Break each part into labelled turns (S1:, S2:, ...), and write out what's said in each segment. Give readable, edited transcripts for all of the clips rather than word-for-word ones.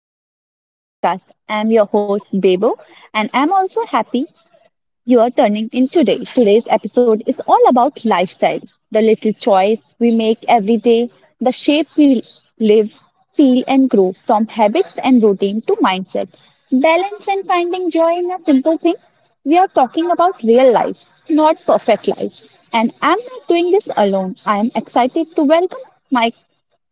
S1: welcome back to the podcast. I'm your host, Bebo, and I'm also happy you are turning in today. Today's episode is all about lifestyle the little choice we make every day, the shape we live, feel, and grow from habits and routine to mindset, balance, and finding joy in a simple thing. We are talking about real life, not perfect life. And I'm not doing this alone. I am excited to welcome Mike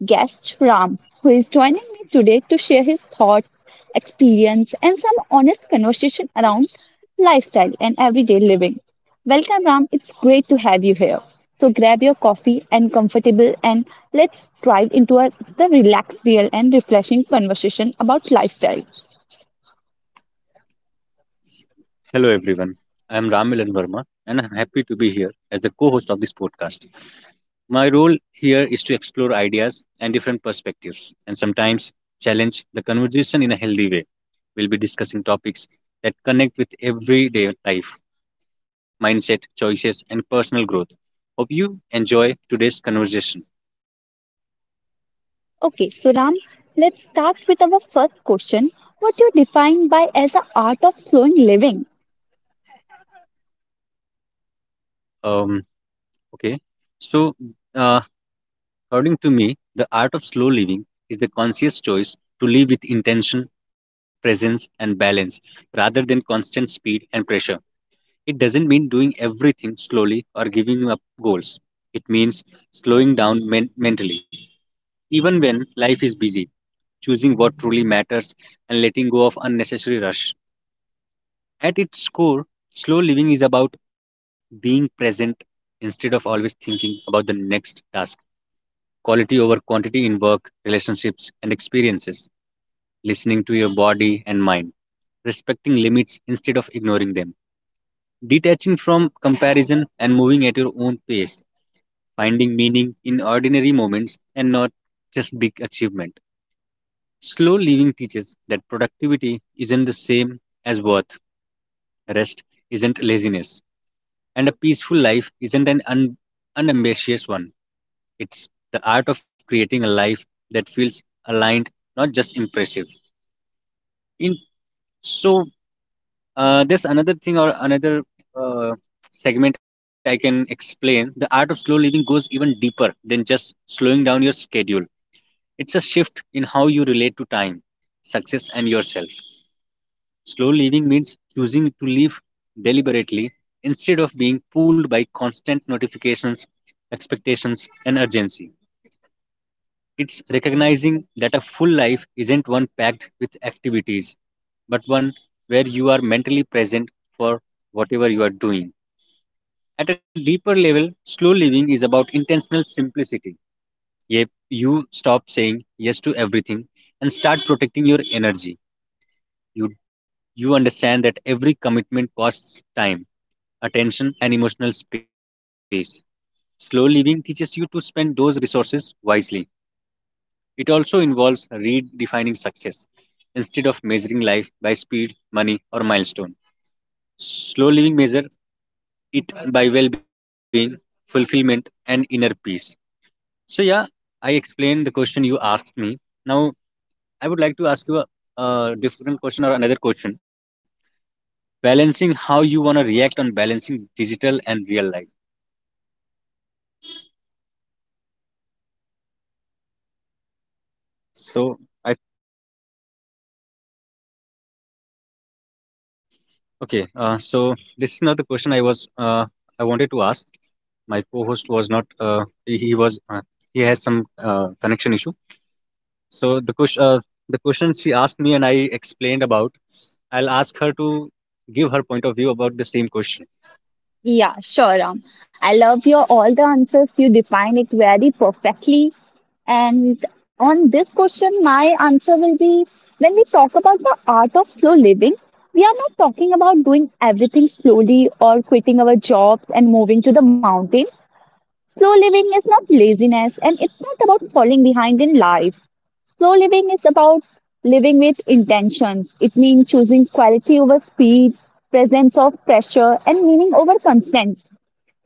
S1: guest Ram, who is joining me today to share his thoughts, experience, and some honest conversation around lifestyle and everyday living. Welcome, Ram. It's great to have you here. So grab your coffee and comfortable, and let's dive into the relaxed, real, and refreshing conversation about lifestyle.
S2: Hello, everyone. I am Ramilan Verma, and I'm happy to be here as the host of this podcast. My role here is to explore ideas and different perspectives, and sometimes challenge the conversation in a healthy way. We'll be discussing topics that connect with everyday life, mindset, choices, and personal growth. Hope you enjoy today's conversation.
S1: Okay, so Ram, let's start with our first question. What do you define by as the art of slowing living?
S2: Um, okay, so uh, According to me, the art of slow living is the conscious choice to live with intention, presence, and balance rather than constant speed and pressure. It doesn't mean doing everything slowly or giving up goals. It means slowing down mentally, even when life is busy, choosing what truly matters, and letting go of unnecessary rush. At its core, slow living is about being present instead of always thinking about the next task. Quality over quantity in work, relationships, and experiences, listening to your body and mind, limits instead of ignoring them, detaching from comparison and moving at your own pace, finding meaning in ordinary moments and not just big achievement. Slow living teaches that productivity isn't the same as worth, rest isn't laziness, and a peaceful life isn't an unambitious one. It's the art of creating a life that feels aligned, not just impressive. In so There's another thing, or another uh, segment I can explain. The art of slow living goes even deeper than just slowing down your schedule. It's a shift in how you relate to time, success, and yourself. Slow living means choosing to live deliberately instead of being pulled by constant notifications, expectations, and urgency. It's recognizing that a full life isn't one packed with activities, but one where you are mentally present for whatever you are doing. At a deeper level, slow living is about intentional simplicity. Yep, you stop saying yes to everything and start protecting your energy. You you understand that every commitment costs time, attention, and emotional space. Slow living teaches you to spend those resources wisely. It also involves redefining success. Instead of measuring life by speed, money, or milestone, slow living measure it by well being, fulfillment, and inner peace. So, yeah, I explained the question you asked me. Now, I would like to ask you a different question, or another question, balancing how you want to react on balancing digital and real life. So, I Okay, so this is not the question I wanted to ask. My co-host was not. He was. He has some connection issue. So the question she asked me, and I explained about. I'll ask her to give her point of view about the same question.
S1: Yeah, sure. I love your all the answers. You define it very perfectly. And on this question, my answer will be when we talk about the art of slow living, we are not talking about doing everything slowly or quitting our jobs and moving to the mountains. Slow living is not laziness and it's not about falling behind in life. Slow living is about living with intentions. It means choosing quality over speed, presence of pressure, and meaning over consent.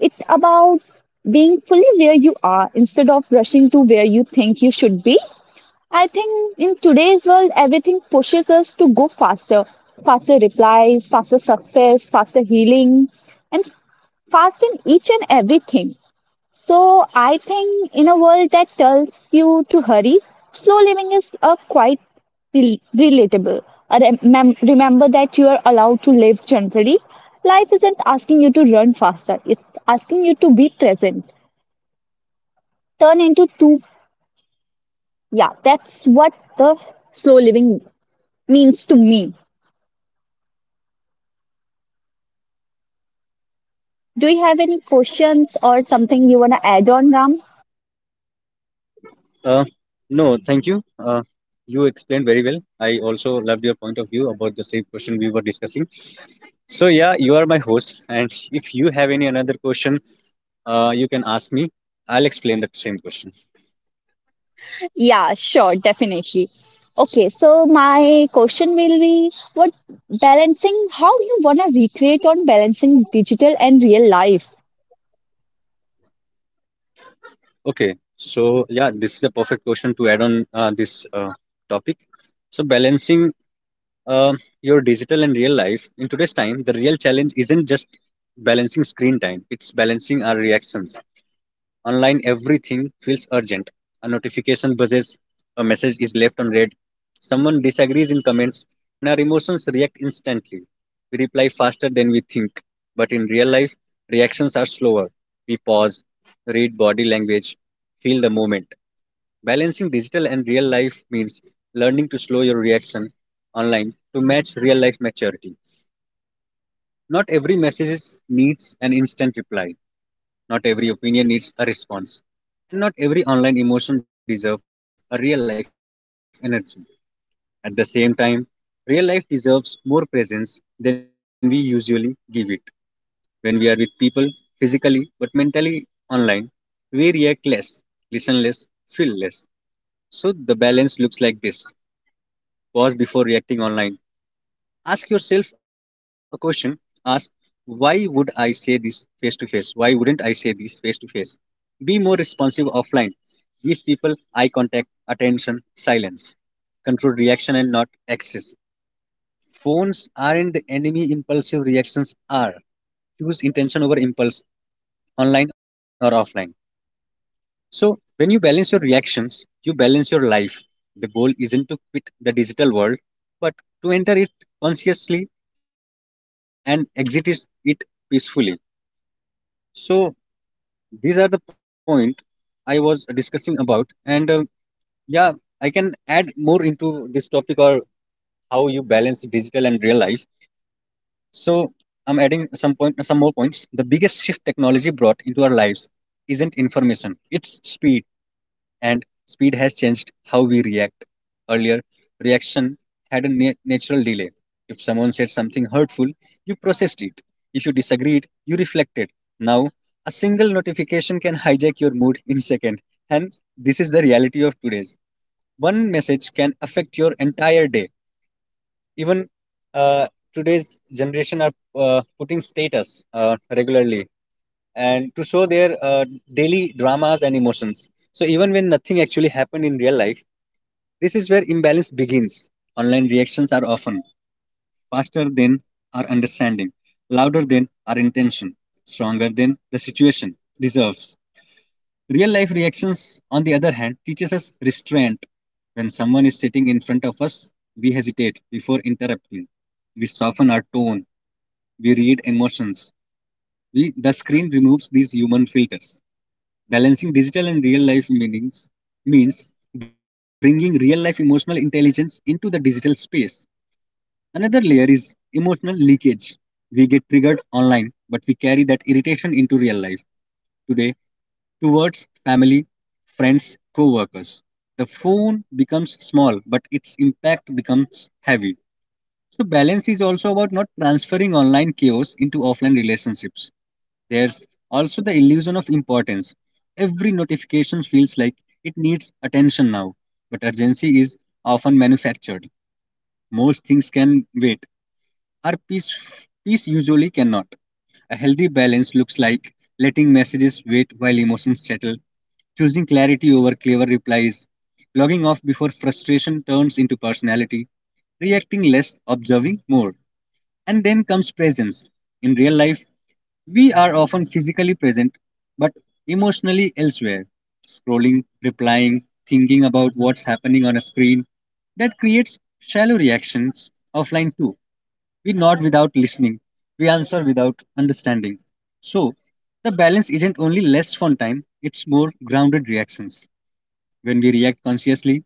S1: It's about being fully where you are instead of rushing to where you think you should be. I think in today's world, everything pushes us to go faster faster replies, faster success, faster healing, and fast in each and everything. So I think in a world that tells you to hurry, slow living is a quite relatable. Remember that you are allowed to live generally. Life isn't asking you to run faster. It's asking you to be present. Turn into two. Yeah, that's what the slow living means to me. Do you have any questions or something you want to add on, Ram?
S2: Uh, no, thank you. You explained very well. I also loved your point of view about the same question we were discussing. So yeah, you are my host, and if you have any another question, you can ask me. I'll explain the same question.
S1: Yeah, sure, definitely. Okay, so my question will be what balancing, how you wanna recreate on balancing digital and real life?
S2: Okay, so yeah, this is a perfect question to add on this topic. So, balancing uh, your digital and real life in today's time, the real challenge isn't just balancing screen time, it's balancing our reactions. Online, everything feels urgent. A notification buzzes, a message is left unread, someone disagrees in comments, and our emotions react instantly. We reply faster we think. But in real life, reactions are slower. We pause, read body language, feel the moment. Balancing digital and real life means learning to slow your reaction online to match real life maturity. Not every message needs an instant reply. Not every opinion needs a response, and not every online emotion deserves a real life energy. At the same time, real life deserves more presence than we usually give it. When we are with people physically but mentally online, we react less, listen less, feel less. So the balance looks like this: pause before reacting online, ask yourself a question. Ask, why would I say this face to face? Why wouldn't I say this face to face? Be more responsive offline, give people eye contact, attention, silence, control reaction and not excess. Phones aren't the enemy, impulsive reactions are. Choose intention over impulse, online or offline. So, when you balance your reactions, you balance your life. The goal isn't to quit the digital world, but to enter it consciously and exit it peacefully. So, these are the point I was discussing about, and yeah, I can add more into this topic, or how you balance digital and real life. So, I'm adding some point, some more points. The biggest shift technology brought into our lives isn't information; it's speed. And speed has changed how we reaction had a natural delay. If someone said something hurtful, you processed it. If you disagreed, you reflected. Now, a single notification can hijack your mood in second. And this is the reality of today's. One message can affect your entire day. Even uh, today's generation are putting status regularly and to show their daily dramas and emotions. So even when nothing actually happened in real life, this is where imbalance begins. Online reactions are often faster than our understanding, louder than our intention, stronger than the situation deserves. Real life reactions, on the other hand, teaches us restraint. When someone is sitting in front of us, we hesitate before interrupting. We soften our tone. We read emotions. We, the screen removes these human filters. Balancing digital and real life meanings means bringing real life emotional intelligence into the digital space. Another layer is emotional leakage. We get triggered online, but we carry that irritation into real life today towards family, friends, co workers. The phone becomes small, but its impact becomes heavy. So, balance is also about not transferring online chaos into offline relationships. There's also the illusion of importance. Every notification feels like it needs attention now, but urgency is often manufactured. Most things can wait, our peace usually cannot. A healthy balance looks like letting messages wait while emotions settle, choosing clarity over clever replies, logging off before frustration turns into personality, reacting less, observing more. And then comes presence. In real life, we are often physically present but emotionally elsewhere, scrolling, replying, thinking about what's happening on a screen. That creates shallow reactions offline too. We nod without listening, we answer without understanding. So, the balance isn't only less fun time, it's more grounded reactions. When we react consciously,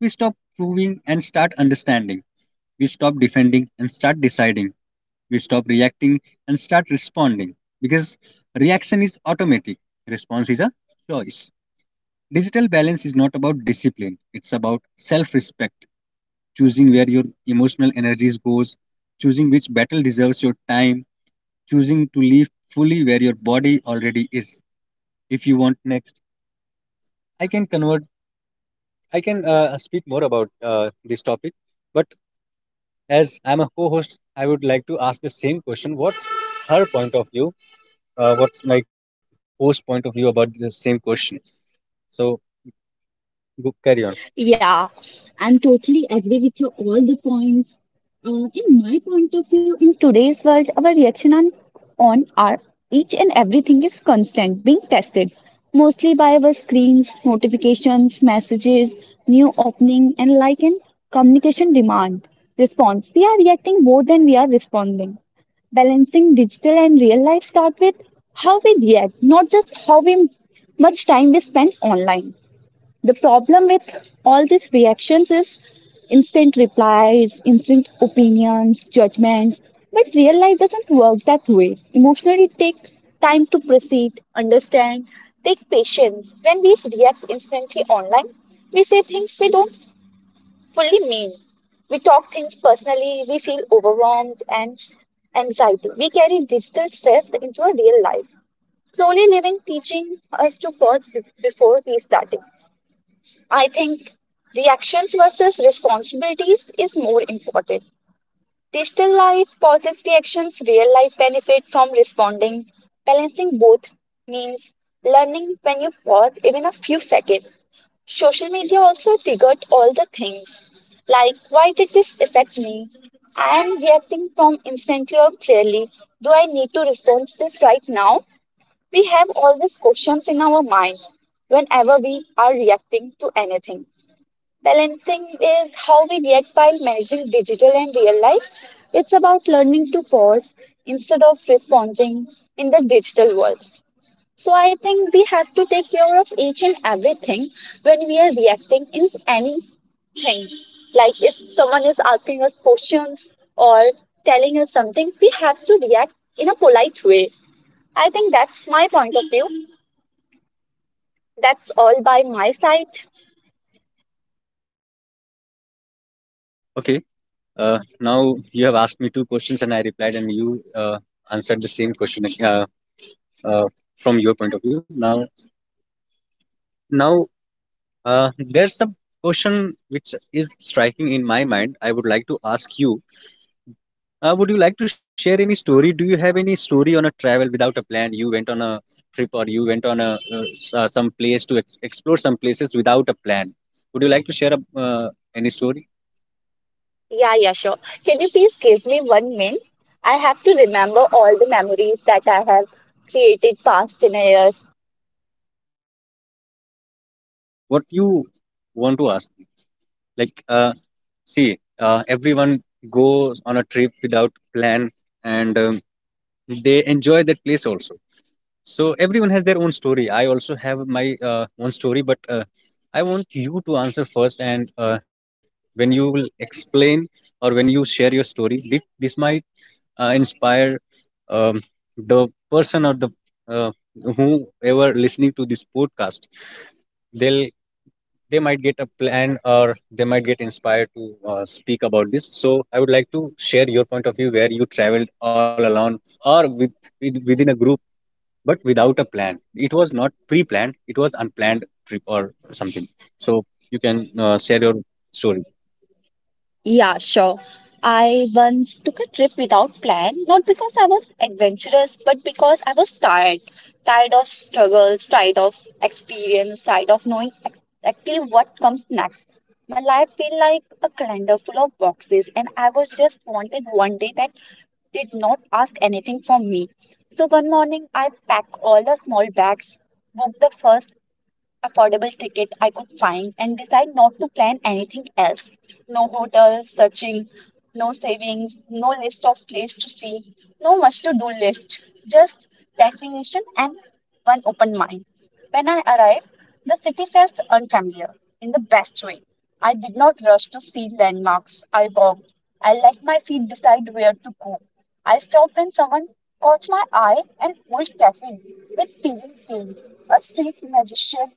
S2: we stop proving and start understanding. We stop defending and start deciding. We stop reacting and start responding, because reaction is automatic, response is a choice. Digital balance is not about discipline, it's about self respect, choosing where your emotional energies goes, choosing which battle deserves your time, choosing to live fully where your body already is. If you want next, I can convert, I can speak more about this topic, but as I'm a co host, I would like to ask the same question. What's her point of view, what's my host point of view about the same question. So go carry on.
S1: Yeah, I'm totally agree with you all the points. In my point of view, in today's world, our reaction on our each and everything is constant, being tested mostly by our screens, notifications, messages, new opening, and like in communication demand response. We are reacting more than we are responding. Balancing digital and real life start with how we react, not just how we much time we spend online. The problem with all these reactions is instant replies, instant opinions, judgments. But real life doesn't work that way. Emotionally, it takes time to proceed, understand, take patience. When we react instantly online, we say things we don't fully mean. We talk things personally, we feel overwhelmed and anxiety. We carry digital stress into our real life. Slowly living teaching us to pause before restarting. I think reactions versus responsibilities is more important. Digital life posits reactions, real life benefit from responding. Balancing both means learning when you pause even a few seconds. Social media also triggered all the things like why did this affect me? I am reacting from instantly or clearly. Do I need to respond to this right now? We have all these questions in our mind whenever we are reacting to anything. Balancing is how we react by managing digital and real life. It's about learning to pause instead of responding in the digital world. So I think we have to take care of each and everything when we are reacting in anything. Like if someone is asking us questions or telling us something, we have to react in a polite way. I think that's my point of view. That's all by my side.
S2: Okay. Now you have asked me two questions and I replied, and you answered the same question uh, from your point of view. Now, there's some question which is striking in my mind. I would like to ask you. Would you like to share any story? Do you have any story on a travel without a plan? You went on a trip, or you went on a some place to explore some places without a plan. Would you like to share any story?
S1: Yeah, yeah, sure. Can you please give me one minute? I have to remember all the memories that I have created past 10 years.
S2: So what you want to ask me? Like, see, everyone goes on a trip without plan, and they enjoy that place also. So everyone has their own story. I also have my own story, but I want you to answer first. And when you will explain, or when you share your story, this might inspire um, the person, or the uh, whoever listening to this podcast. They'll they might get a plan, or they might get inspired to speak about this. So I would like to share your point of view, where you traveled all alone or with within a group, but without a plan. It was not pre-planned, it was unplanned trip or something. So you can share your story.
S1: Yeah, sure. I once took a trip without plan, not because I was adventurous, but because I was tired. Tired of struggles, tired of experience, tired of knowing exactly what comes next. My life felt like a calendar full of boxes, and I was just wanted one day that did not ask anything from me. So one morning, I packed all the small bags, booked the first affordable ticket I could find and decide not to plan anything else. No hotel searching, no savings, no list of place to see, no much to do list, just destination and one open mind. When I arrived, the city felt unfamiliar in the best way. I did not rush to see landmarks. I walked. I let my feet decide where to go. I stopped when someone caught my eye an old cafe with peeling paint, a street magician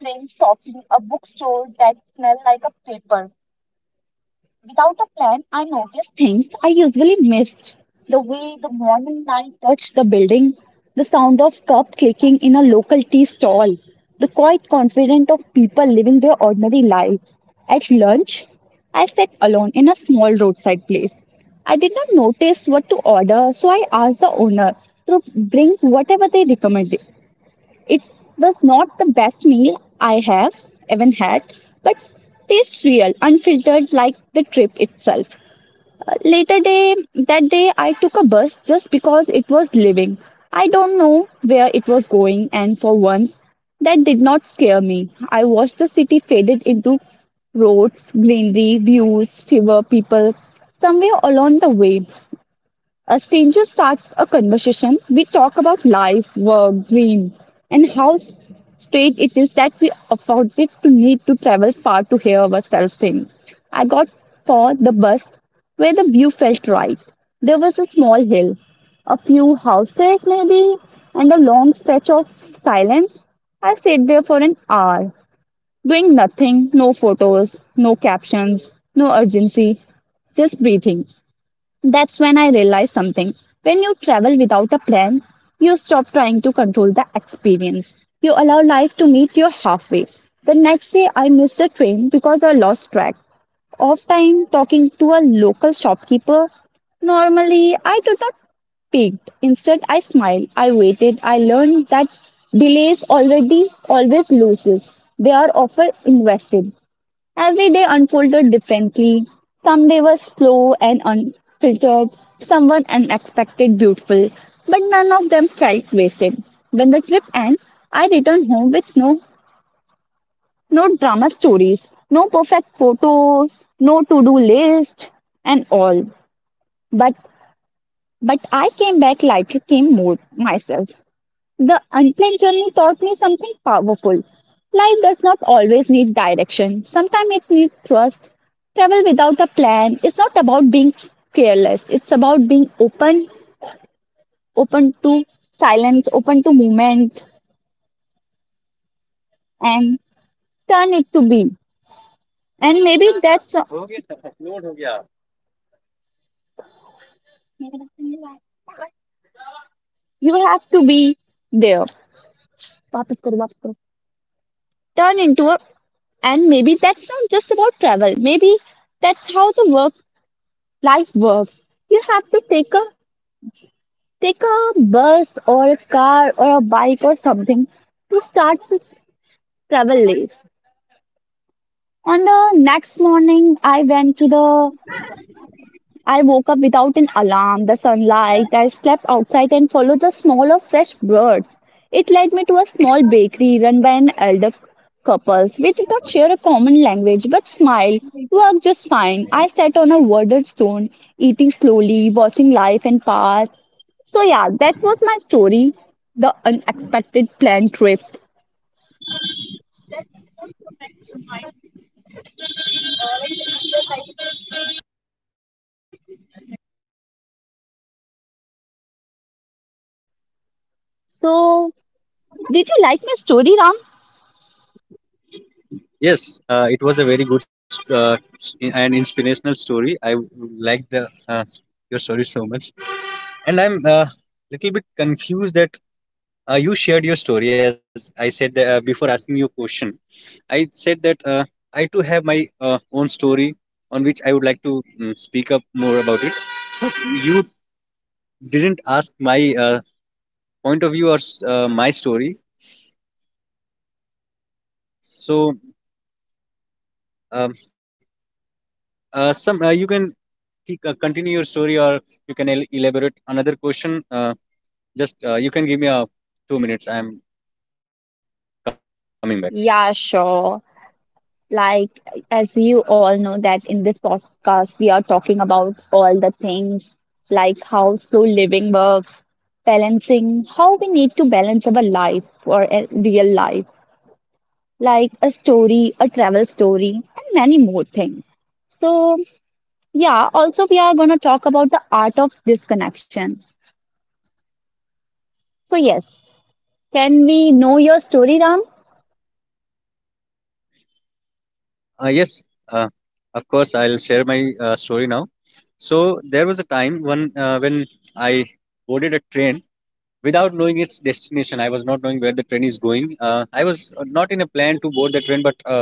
S1: playing softly, a bookstore that smelled like a paper. Without a plan, I noticed things I usually missed. The way the morning light touched the building, the sound of cup clicking in a local tea stall, the quiet confidence of people living their ordinary lives. At lunch, I sat alone in a small roadside place. I did not notice what to order, so I asked the owner to bring whatever they recommended. It was not the best meal I have ever had, but tastes real, unfiltered like the trip itself. Later day That day I took a bus just because it was living. I don't know where it was going and for once that did not scare me. I watched the city faded into roads, greenery, views, fewer people somewhere along the way. A stranger starts a conversation. We talk about life, work, dreams, and how strange it is that we afforded to need to travel far to hear ourselves sing. I got for the bus where the view felt right. There was a small hill, a few houses maybe, and a long stretch of silence. I sat there for an hour, doing nothing, no photos, no captions, no urgency, just breathing. That's when I realized something. When you travel without a plan, you stop trying to control the experience. You allow life to meet you halfway. The next day, I missed a train because I lost track of time talking to a local shopkeeper. Normally, I do not picked. Instead, I smiled. I waited. I learned that delays already always loses. They are often invested. Every day unfolded differently. Some day was slow and unfiltered, some were unexpected beautiful, but none of them felt wasted. When the trip ends, I returned home with no drama stories, no perfect photos, no to-do list and all. But but I came back lighter, came more myself. The unplanned journey taught me something powerful. Life does not always need direction. Sometimes it needs trust. Travel without a plan is not about being careless. It's about being open, open to silence, open to movement, and turn it to be. And maybe that's you have to be there. वापस करो, वापस करो. Turn into a and maybe that's not just about travel. Maybe that's how the work life works. You have to take a bus or a car or a bike or something to start to travel late. On the next morning, I went to the I woke up without an alarm, the sunlight. I slept outside and followed the smell of fresh bread. It led me to a small bakery run by an elder couple. We did not share a common language, but smiled, worked just fine. I sat on a watered stone, eating slowly, watching life and pass. So, yeah, that was my story the unexpected plane trip. So, did you like my story, Ram?
S2: Yes, it was a very good and inspirational story. I like the your story so much, and I'm a little bit confused that you shared your story. As I said that, before asking you a question, I said that I too have my own story, on which I would like to speak up more about it. But you didn't ask my uh, point of view or my story, so um, some you can continue your story, or you can elaborate another question. Just You can give me a 2 minutes, I'm coming back.
S1: Yeah, sure. Like, as you all know, that in this podcast, we are talking about all the things like how slow living works, balancing, how we need to balance our life or a real life, like a story, a travel story, and many more things. So, yeah, also, we are going to talk about the art of disconnection. So, yes, can we know your story, Ram?
S2: Yes, uh, of course I'll share my story now. So there was a time when I boarded a train without knowing its I was not knowing where the train is going. I was not in a plan to board the train, but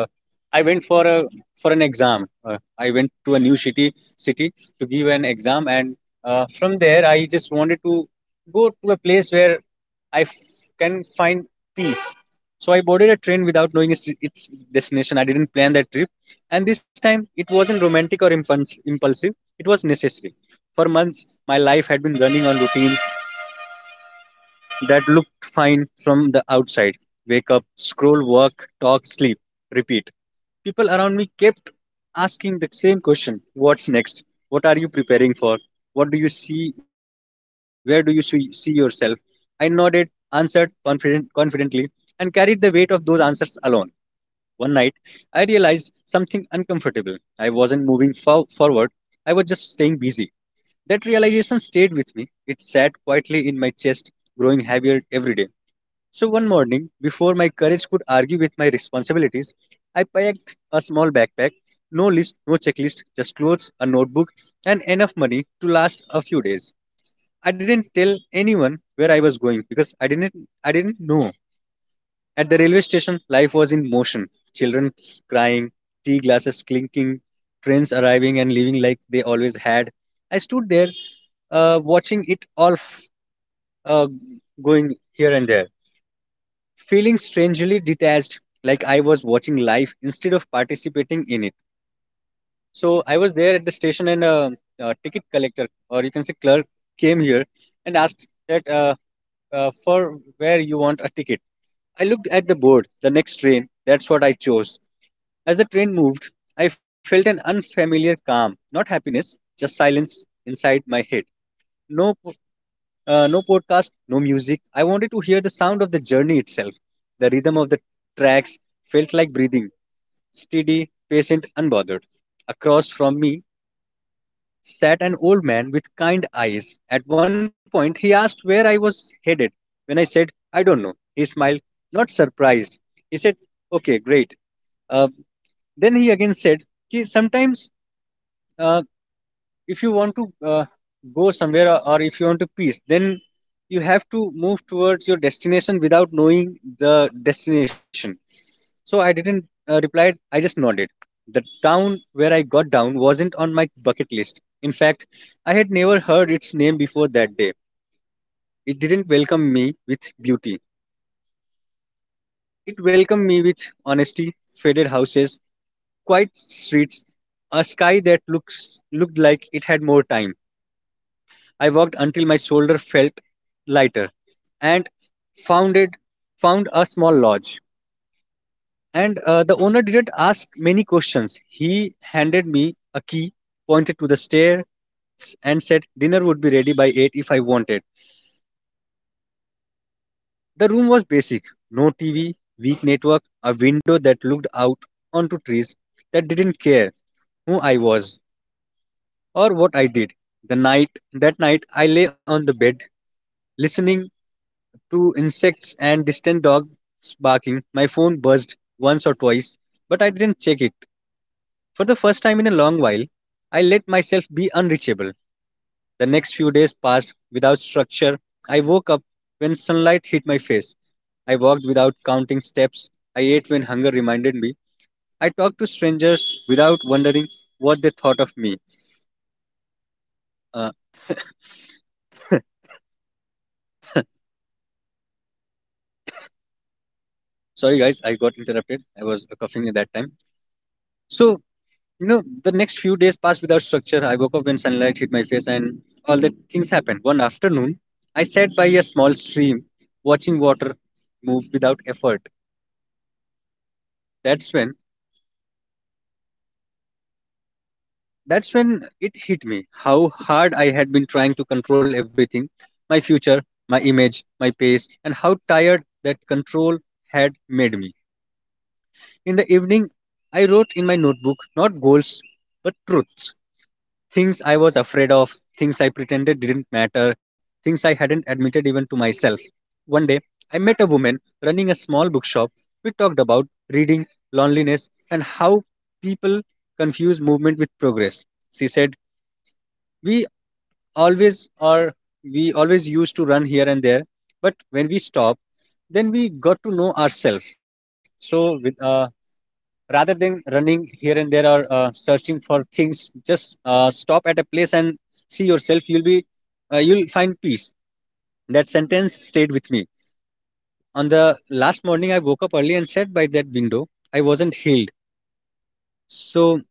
S2: I went for an exam. I went to a new city to give an exam, and from there I just wanted to go to a place where I f- can find peace. So I boarded a train without knowing its destination. I didn't plan that trip, and this time it wasn't romantic or impulsive. It was necessary. For months, my life had been running on routines that looked fine from the outside: wake up, scroll, work, talk, sleep, repeat. People around me kept asking the same question. What's next? What are you preparing for? What do you see? Where do you see yourself? I nodded, answered confidently, and carried the weight of those answers alone. One night, I realized something uncomfortable. I wasn't moving forward, I was just staying busy. That realization stayed with me. It sat quietly in my chest, growing heavier every day. So one morning, before my courage could argue with my responsibilities, I packed a small backpack, no list, no checklist, just clothes, a notebook, and enough money to last a few days. I didn't tell anyone where I was going because I didn't know. At the railway station, life was in motion. Children crying, tea glasses clinking, trains arriving and leaving like they always had. I stood there, watching it all uh, going here and there, feeling strangely detached, like I was watching life instead of participating in it. So I was there at the station, and a ticket collector, or you can say clerk, came here and asked that for where you want a ticket. I looked at the board, the next train. That's what I chose. As the train moved, I felt an unfamiliar calm, not happiness, just silence inside my head. No no podcast, no music. I wanted to hear the sound of the journey itself. The rhythm of the tracks felt like breathing, steady, patient, unbothered. Across from me sat an old man with kind eyes. At one point, he asked where I was headed. When I said, I don't know, he smiled, not surprised. He said, Okay, great. Uh, then he again said, Sometimes, uh, if you want to go somewhere, or if you want to peace, then you have to move towards your destination without knowing the destination." So I didn't reply, I just nodded. The town where I got down wasn't on my bucket list. In fact, I had never heard its name before that day. It didn't welcome me with beauty, it welcomed me with honesty. Faded houses, quiet streets, a sky that looks looked like it had more time. I walked until my shoulder felt lighter, and found it found a small lodge. And the owner didn't ask many questions. He handed me a key, pointed to the stairs, and said dinner would be ready by 8 if I wanted. The room was basic, no TV, weak network, a window that looked out onto trees that didn't care who I was or what I did. The night That night I lay on the bed listening to insects and distant dogs barking. My phone buzzed once or twice, but I didn't check it. For the first time in a long while, I let myself be unreachable. The next few days passed without structure. I woke up when sunlight hit my face. I walked without counting steps. I ate when hunger reminded me. I talked to strangers without wondering what they thought of me. Uh, Sorry, guys, I got interrupted. I was coughing at that time. So, you know, the next few days passed without structure. I woke up when sunlight hit my face, and all the things happened. One afternoon, I sat by a small stream, watching water move without effort. That's when that's when it hit me how hard I had been trying to control everything, my future, my image, my pace, and how tired that control had made me. In the evening, I wrote in my notebook, not goals but truths. Things I was afraid of, things I pretended didn't matter, things I hadn't admitted even to myself. One day, I met a woman running a small bookshop. We talked about reading, loneliness, and how people confuse movement with progress. She said, "We always are we always used to run here and there, but when we stop, then we got to know ourselves." So with a rather than running here and there, or searching for things, just stop at a place and see yourself, you'll be you'll find peace. That sentence stayed with me. On the last morning, I woke up early and sat by that window. I wasn't healed. So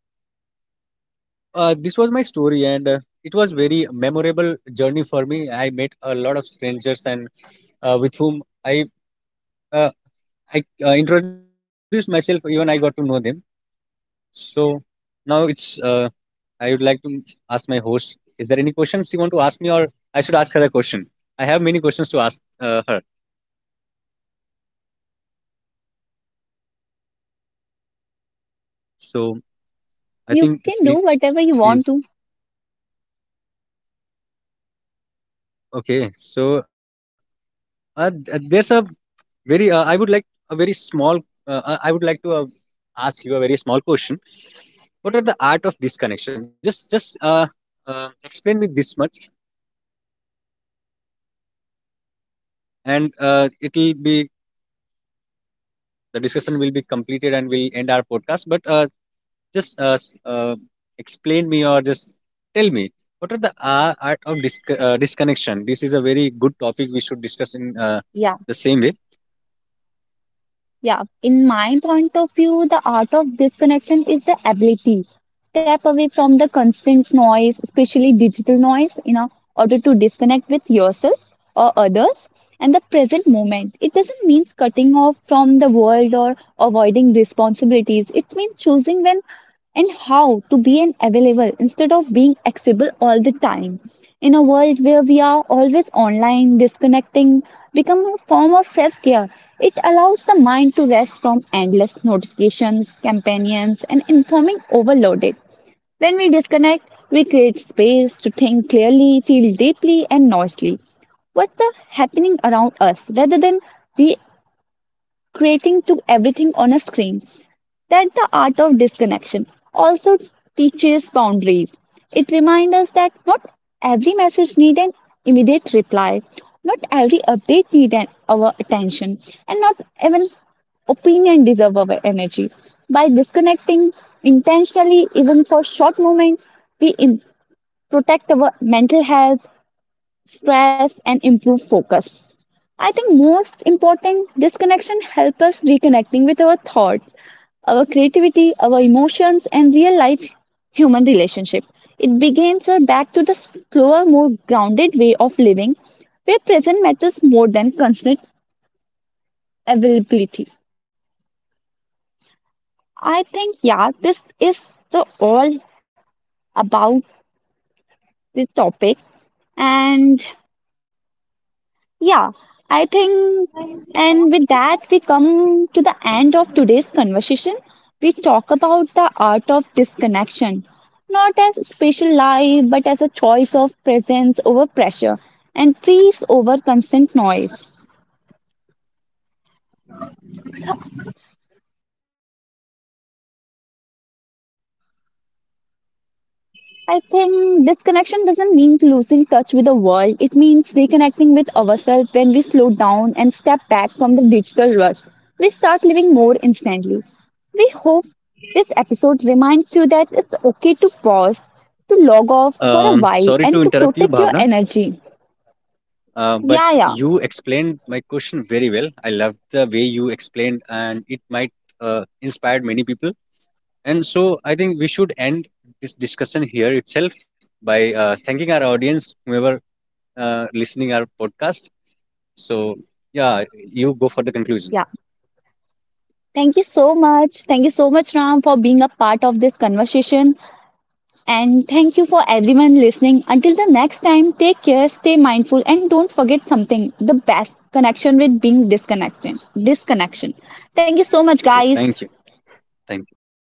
S2: this was my story, and it was very memorable journey for me. I met a lot of strangers, and with whom i uh, I introduced myself. Even I got to know them. So now it's I would like to ask my host. Is there any questions you want to ask me, or I should ask her a question? I have many questions to ask her. So I
S1: You can
S2: think
S1: do whatever you want to.
S2: she's okay. So there's a very I would like a very small. I would like to ask you a very small question. What are the art of disconnection? Just Explain me this much, and it'll be the discussion will be completed and we'll end our podcast. But Just uh, s- uh, explain me, or just tell me what are the art of disconnection. This is a very good topic, we should discuss in
S1: Yeah.
S2: the same way.
S1: Yeah, in my point of view, the art of disconnection is the ability step away from the constant noise, especially digital noise, in order to disconnect with yourself or others and the present moment. It doesn't mean cutting off from the world or avoiding responsibilities. It means choosing when and how to be an available instead of being accessible all the time. In a world where we are always online, disconnecting become a form of self care. It allows the mind to rest from endless notifications, companions, and informing overloaded. When we disconnect, we create space to think clearly, feel deeply, and noisily. What's the happening around us rather than re- creating to everything on a screen. That the art of disconnection also teaches boundaries. It reminds us that not every message needs an immediate reply, not every update needs an, our attention, and not even opinion deserve our energy. By disconnecting intentionally, even for short moments, we protect our mental health, stress, and improve focus. I think most important, this connection helps us reconnecting with our thoughts, our creativity, our emotions, and real life human relationship. It begins us back to the slower, more grounded way of living, where present matters more than constant availability. I think, yeah, this is the all about the topic, and yeah, I think, and with that, we come to the end of today's conversation. We talk about the art of disconnection, not as a special life, but as a choice of presence over pressure and peace over constant noise. I think disconnection doesn't mean losing touch with the world. It means reconnecting with ourselves when we slow down and step back from the digital rush. We start living more instantly. We hope this episode reminds you that it's okay to pause, to log off for a while,
S2: Sorry to
S1: and to
S2: interrupt you,
S1: protect your
S2: Bhavna,
S1: energy. Yeah,
S2: but
S1: yeah,
S2: you explained my question very well. I loved the way you explained, and it might inspire many people. And so I think we should end this discussion here itself by thanking our audience, whoever listening our podcast. So yeah, you go for the
S1: yeah.
S2: conclusion.
S1: Thank you so much. Thank you so much, Ram, for being a part of this conversation. And thank you for everyone listening. Until the next time, take care, stay mindful, and don't forget something the best connection with being disconnected. Disconnection. Thank you so much, guys.
S2: Okay, thank you. Thank you.